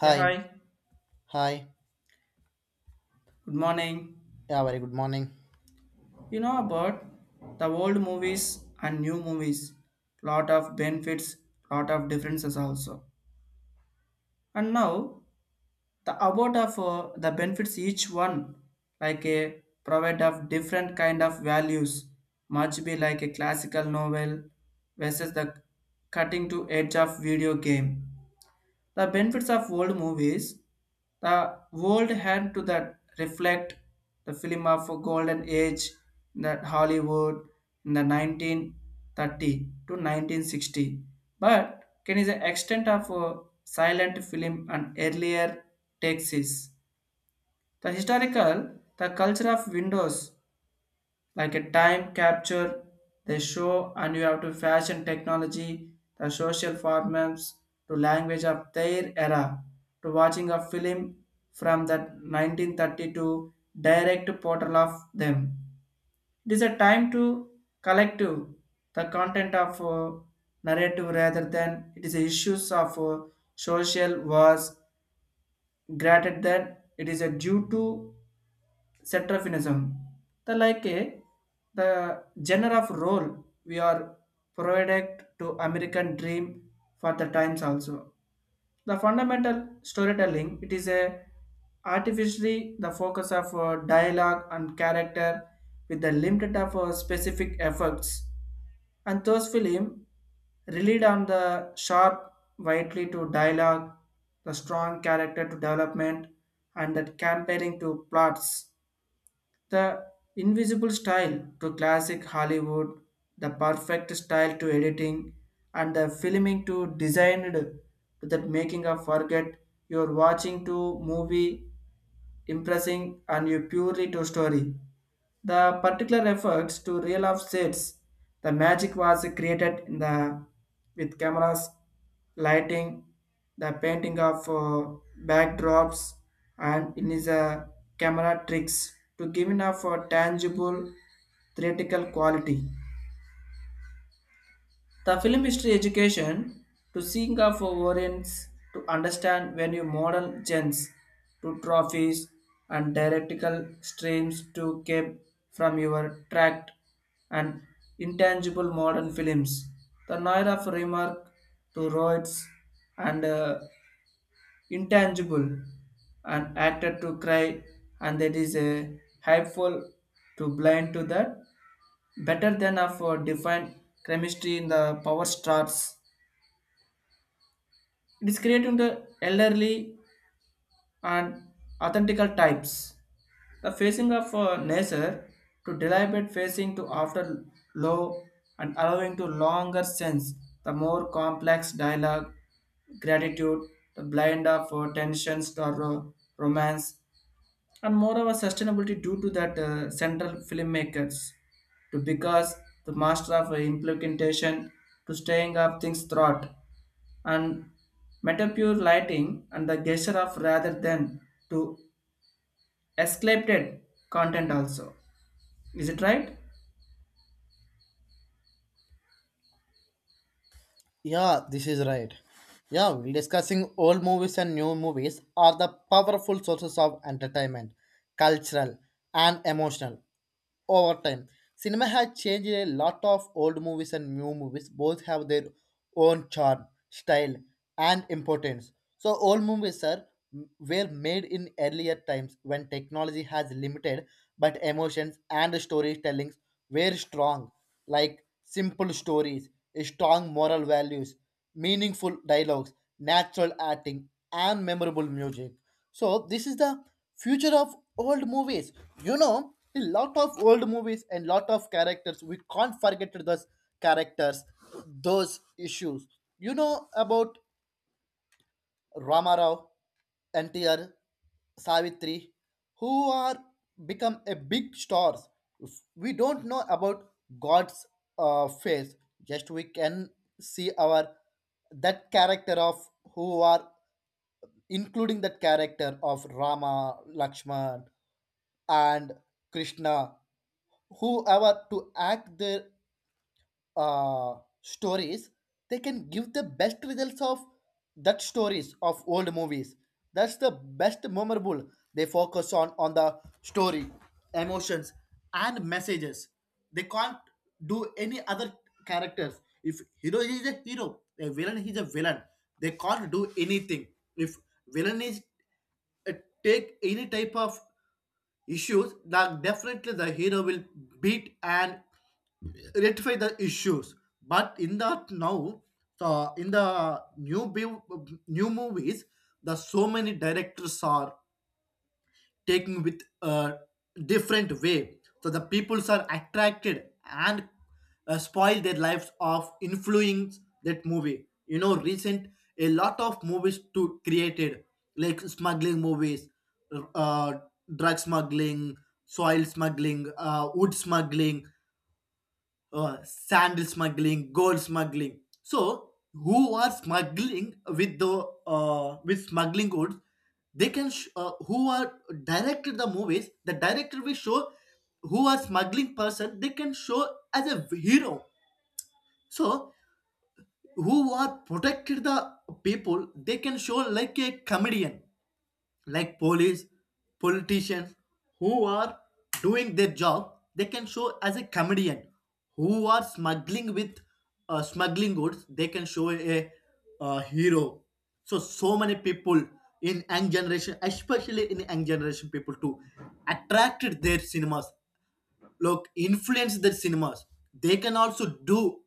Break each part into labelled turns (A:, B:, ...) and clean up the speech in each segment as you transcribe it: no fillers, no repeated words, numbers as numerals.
A: Yeah,
B: Hi,
A: hi.
B: hi.
A: Good morning.
B: Yeah, very good morning.
A: You know about the old movies and new movies. Lot of benefits, lot of differences also. And now the about of the benefits each one, like a provide of different kind of values, much be like a classical novel versus the cutting to edge of video game. The benefits of old movies, the world had to that reflect the film of a golden age that Hollywood in the 1930 to 1960. But can is the extent of a silent film and earlier texts. The historical, the culture of windows like a time capture, they show and you have to fashion technology, the social formats to language of their era to watching a film from that 1932, direct portal of them, it is a time to collective the content of narrative rather than it is issues of social wars. Granted that it is a due to Cetraphinism. The like a the genre of role we are provided to American dream for the times also. The fundamental storytelling it is a artificially the focus of dialogue and character with the limited of specific efforts, and those film relied on the sharp, widely to dialogue, the strong character to development, and that comparing to plots, the invisible style to classic Hollywood, the perfect style to editing, and the filming to designed to that making a forget you're watching to movie, impressing and you purely to story. The particular efforts to reel off sets, the magic was created in the with cameras, lighting, the painting of backdrops, and it is a camera tricks to giving off a tangible theoretical quality. The film history education to seeing of variants to understand when you model gens to trophies and dialectical streams to came from your tract and intangible modern films. The Noir of remark to Roids and intangible and acted to cry, and that is a helpful to blind to that better than of defined chemistry in the power stars, it is creating the elderly and authentical types, the facing of nature to deliberate facing to after low and allowing to longer sense, the more complex dialogue, gratitude, the blind of tensions or romance, and moreover sustainability due to that central filmmakers to because the master of implementation to staying up things thought and metapure lighting and the gesture of rather than to escalated content also. Is it right?
B: Yeah, this is right. Yeah, we're discussing old movies and new movies are the powerful sources of entertainment, cultural and emotional over time. Cinema has changed a lot of old movies and new movies. Both have their own charm, style, and importance. So old movies are were made in earlier times when technology has limited but emotions and storytellings were strong, like simple stories, strong moral values, meaningful dialogues, natural acting, and memorable music. So this is the future of old movies. You know, a lot of old movies and lot of characters, we can't forget those characters, those issues. You know about Ramarao, NTR, Savitri, who are become a big stars. We don't know about God's face. Just we can see our that character of who are including that character of Rama, Lakshman, and Krishna, whoever to act their uh, stories, they can give the best results of that stories of old movies. That's the best memorable. They focus on the story, emotions, and messages. They can't do any other characters. If hero is a hero, a villain is a villain. They can't do anything. If villain is uh, take any type of issues, then definitely the hero will beat and rectify the issues. But in the now the in the new bu- new movies, the so many directors are taking with a different way, so the peoples are attracted and spoil their lives of influence that movie. You know, recent a lot of movies to created like smuggling movies, uh, drug smuggling, soil smuggling, wood smuggling, sandal smuggling, gold smuggling. So who are smuggling with the with smuggling goods, they can who are directed the movies. The director will show who are smuggling person. They can show as a hero. So who are protected the people, they can show like a comedian, like police, politicians who are doing their job, they can show as a comedian. Who are smuggling with smuggling goods, they can show a, uh, hero. So so many people in young generation, especially in young generation people too, attracted their cinemas, look influence the cinemas, they can also do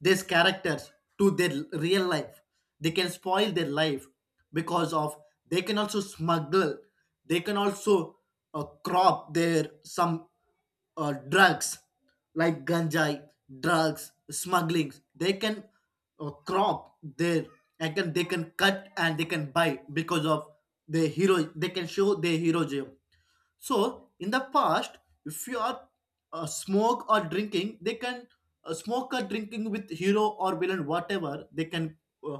B: these characters to their real life, they can spoil their life, because of they can also smuggle, they can also crop their some drugs like ganjai, drugs smuggling, they can crop their and can they can cut and they can buy because of the hero they can show their heroism. So in the past, if you are smoke or drinking, they can smoke or drinking with hero or villain, whatever. They can uh,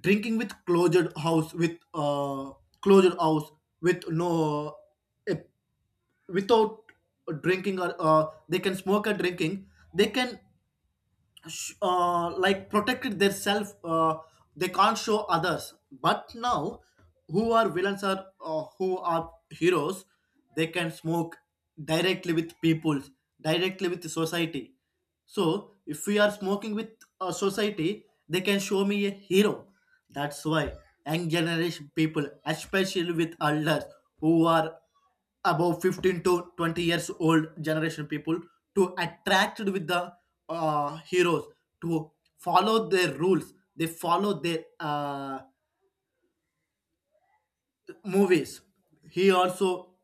B: drinking with closed house with closed house with no eh, without drinking or they can smoke or drinking. They can like protected their self, they can't show others. But now who are villains are who are heroes, they can smoke directly with people, directly with the society. So if we are smoking with a society, they can show me a hero. That's why young generation people, especially with elders who are above 15 to 20 years old generation people, to attracted with the heroes to follow their rules, they follow their movies. He also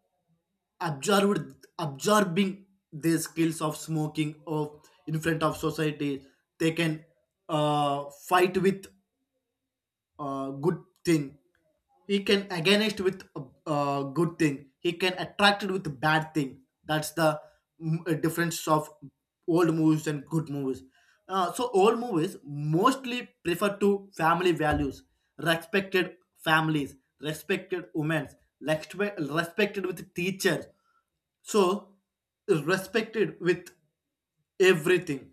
B: observed absorbing the skills of smoking of in front of society, they can fight with good thing, he can against with a good thing, he can attract it with a bad thing. That's the difference of old movies and good movies. So old movies mostly prefer to family values, respected families, respected women, respected with teachers, so respected with everything.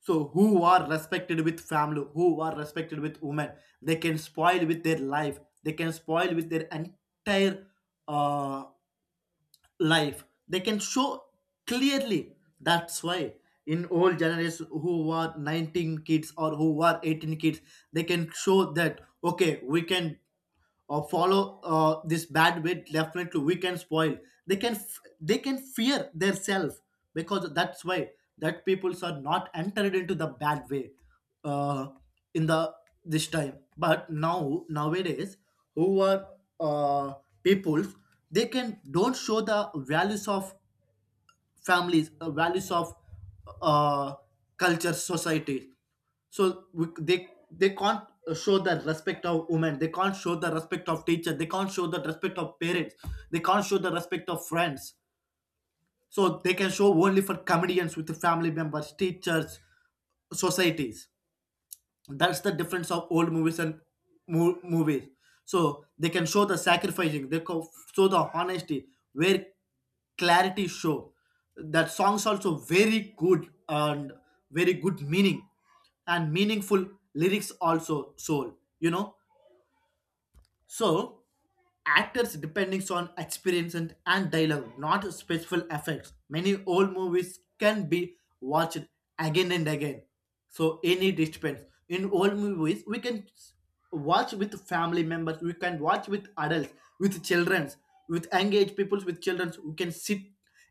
B: So who are respected with family, who are respected with women, they can spoil with their life, they can spoil with their entire uh, life, they can show clearly. That's why in old generation who were 19 kids or who were 18 kids, they can show that okay, we can or follow this bad way, definitely we can spoil. They can fear their self, because that's why that peoples are not entered into the bad way uh, in the this time. But now, nowadays, who are uh, people, they can don't show the values of families, values of uh, culture, society. So they can't show the respect of women, they can't show the respect of teacher, they can't show the respect of parents, they can't show the respect of friends. So they can show only for comedians with the family members, teachers, societies. That's the difference of old movies and movies. So they can show the sacrificing, they show the honesty, where clarity show, that songs also very good, and very good meaning, and meaningful lyrics also soul, you know. So, actors depending on experience and dialogue, not special effects. Many old movies can be watched again and again. So, any depends. In old movies, we can watch with family members, we can watch with adults, with children, with engaged people, with children. We can sit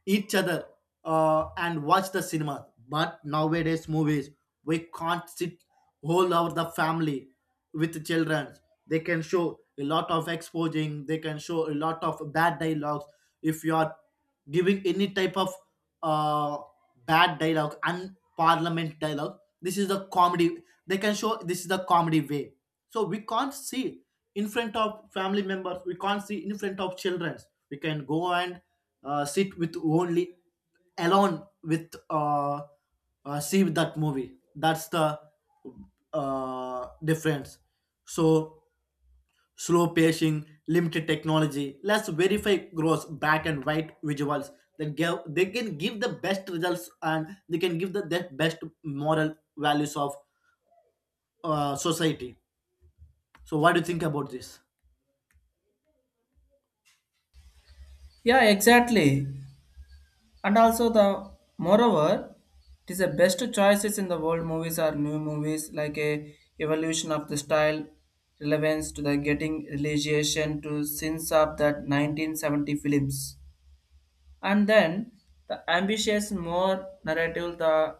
B: each other and watch the cinema. But nowadays, movies, we can't sit whole over the family with children. They can show a lot of exposing, they can show a lot of bad dialogues. If you are giving any type of uh, bad dialogue and parliament dialogue, this is the comedy, they can show this is the comedy way. So we can't see in front of family members, we can't see in front of children. We can go and sit with only alone with see with that movie. That's the difference. So slow pacing, limited technology, less verify gross, black and white visuals, that give they can give the best results, and they can give the best moral values of society. So what do you think about this?
A: Yeah, exactly. And also the moreover, it is the best choices in the world movies are new movies like a evolution of the style, relevance to the getting realization to since of that 1970 films, and then the ambitious more narrative, the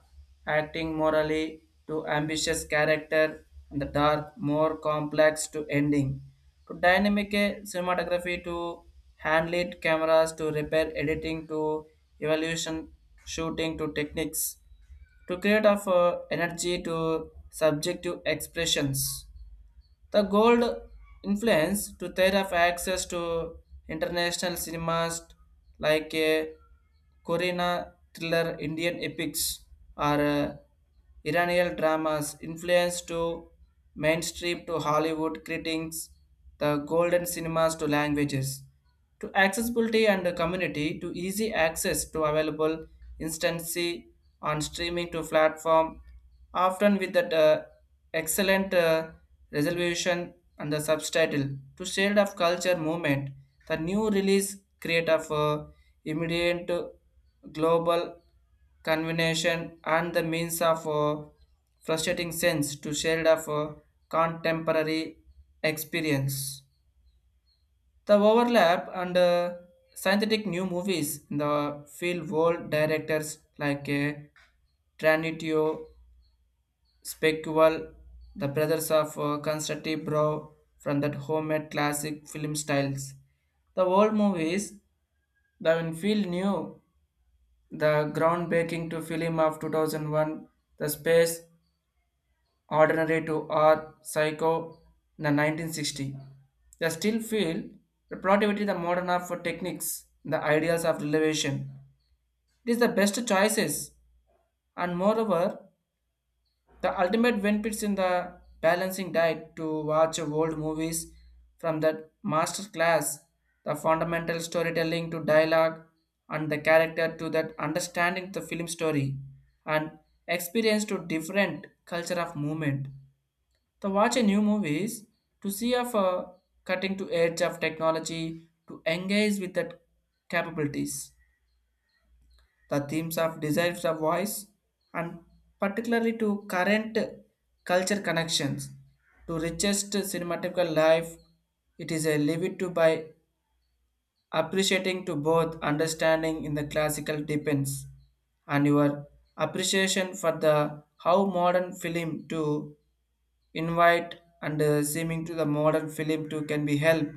A: acting morally to ambitious character, and the dark more complex to ending. To dynamic cinematography to hand-lit cameras to repair editing to evolution shooting to techniques to create of energy to subjective expressions, the gold influence to their of access to international cinemas like a Korean thriller, Indian epics, or Iranian dramas influence to mainstream to Hollywood critics, the golden cinemas to languages to accessibility and community to easy access to available instancy on streaming to platform, often with that excellent resolution and the subtitle to shade of culture movement, the new release create of immediate global convention and the means of frustrating sense to shade of contemporary experience, the overlap and synthetic new movies in the field world directors like Tranitio, Specual, the brothers of Konstantin Brow from that homemade classic film styles. The old movies, the Winfield new, the groundbreaking to film of 2001, The Space ordinary to our psycho in the 1960. They still feel the productivity, the modern art for techniques, the ideas of elevation. It is the best choices, and moreover the ultimate benefits in the balancing diet to watch old movies from the master class, the fundamental storytelling to dialogue and the character to that understanding the film story and experience to different culture of movement to watch a new movies, to see of cutting to edge of technology, to engage with the capabilities, the themes of desires of voice, and particularly to current culture connections, to richest cinematographical life, it is a livid to by appreciating to both understanding in the classical depends and your appreciation for the how modern film to invite and seeming to the modern film too can be helped.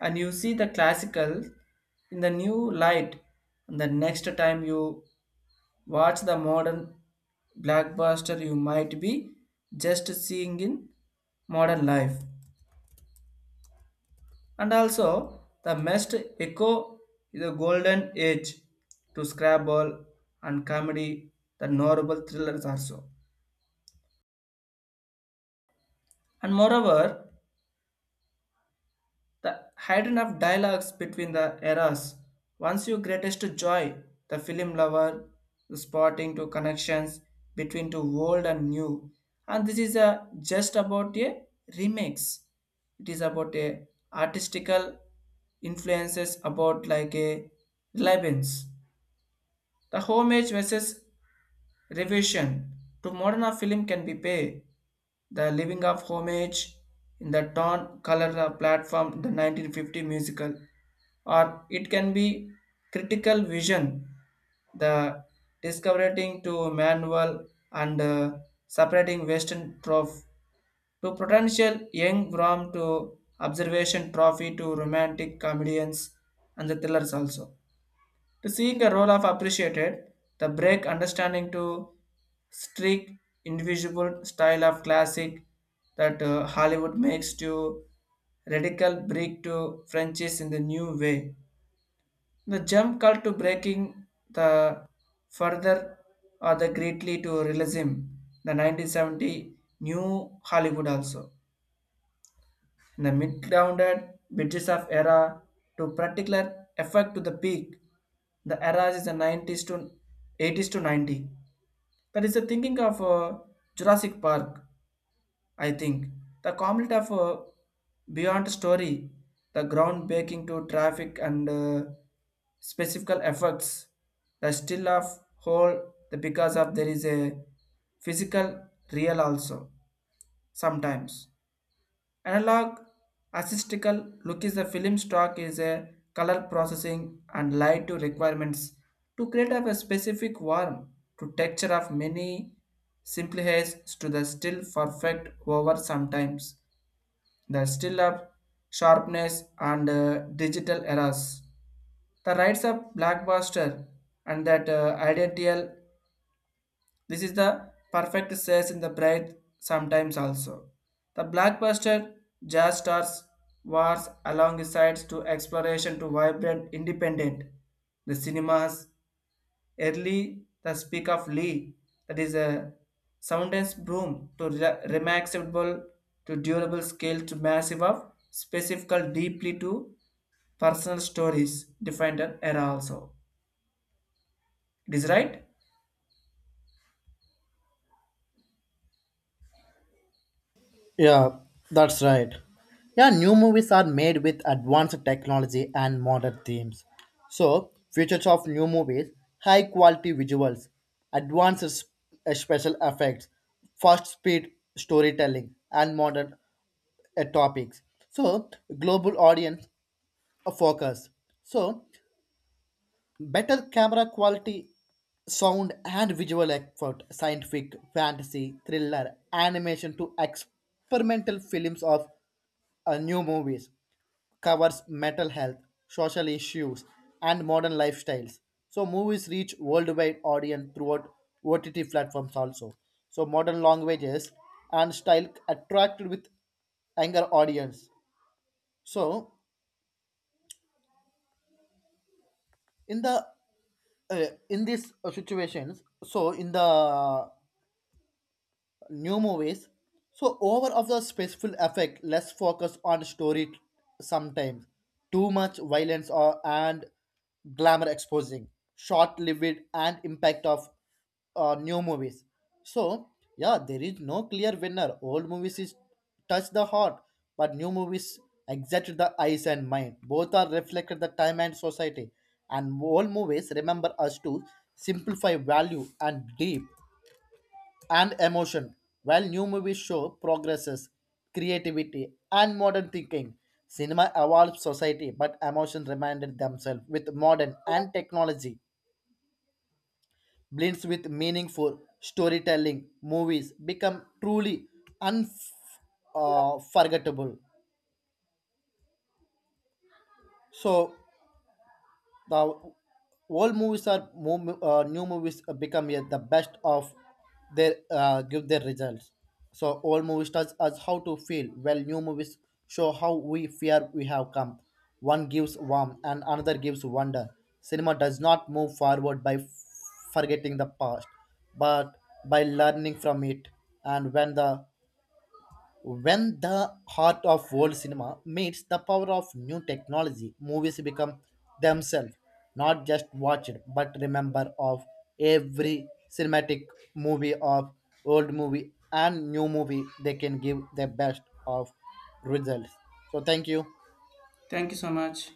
A: And you see the classical in the new light. And the next time you watch the modern blockbuster, you might be just seeing in modern life. And also the most echo is the golden age to Scrabble and comedy, the novel thrillers also. And moreover, the hidden of dialogues between the eras. Once your greatest joy, the film lover, the spotting to connections between to old and new. And this is a just about a remix. It is about a artistical influences about like a relevance. The homage versus revision to modern film can be pay the living of homage in the torn color platform the 1950 musical, or it can be critical vision, the discovering to manual and separating western trough to potential young from to observation trophy to romantic comedians and the thrillers also, to seeing a role of appreciated, the break understanding to strict individual style of classic that Hollywood makes to radical break to Frenchies in the new way. The jump call to breaking the further or the greatly to realism, the 1970 new Hollywood also in the mid-grounded bridges of era to particular effect to the peak. The era is the 90s to 80s to 90. That is the thinking of Jurassic Park, I think. The comedy of Beyond Story, the groundbreaking to traffic and specific effects, the still of whole, the because of there is a physical real also sometimes. Analog acoustical look is the film stock is a color processing and light to requirements to create of a specific warm to texture of many simplifies to the still perfect over sometimes, the still of sharpness and digital errors, the rights of blockbuster and that identical, this is the perfect says in the bright sometimes also. The blockbuster jazz stars wars alongside to exploration to vibrant independent. The cinemas early the speak of Lee, that is a soundness broom to remaxable to durable scale to massive of specifical deeply to personal stories defined an era also. It is right.
B: Yeah, that's right. Yeah, new movies are made with advanced technology and modern themes. So, features of new movies, high quality visuals, advanced special effects, fast speed storytelling, and modern topics. So, global audience focus. So, better camera quality, sound and visual effort, scientific, fantasy, thriller, animation to experimental films of new movies, covers mental health, social issues, and modern lifestyles. So movies reach worldwide audience throughout OTT platforms also. So modern languages and style attracted with younger audience. So in the in these situations. So in the new movies, so over of the special effect, less focus on story sometimes, too much violence or and glamour exposing, short lived and impact of new movies. So yeah, there is no clear winner. Old movies is touch the heart, but new movies exert the eyes and mind. Both are reflected the time and society, and old movies remember us to simplify value and deep and emotion, while new movies show progresses, creativity and modern thinking. Cinema evolves society, but emotion reminded themselves with modern and technology blends with meaningful storytelling, movies become truly unforgettable. So the old movies or new movies become yeah, the best of their give their results. So old movies tells us how to feel, while new movies show how we fear we have come. One gives warmth and another gives wonder. Cinema does not move forward by forgetting the past, but by learning from it. And when the heart of old cinema meets the power of new technology, movies become themselves, not just watched, but remember of every cinematic movie of old movie and new movie. They can give the best of results. So thank you.
A: Thank you so much.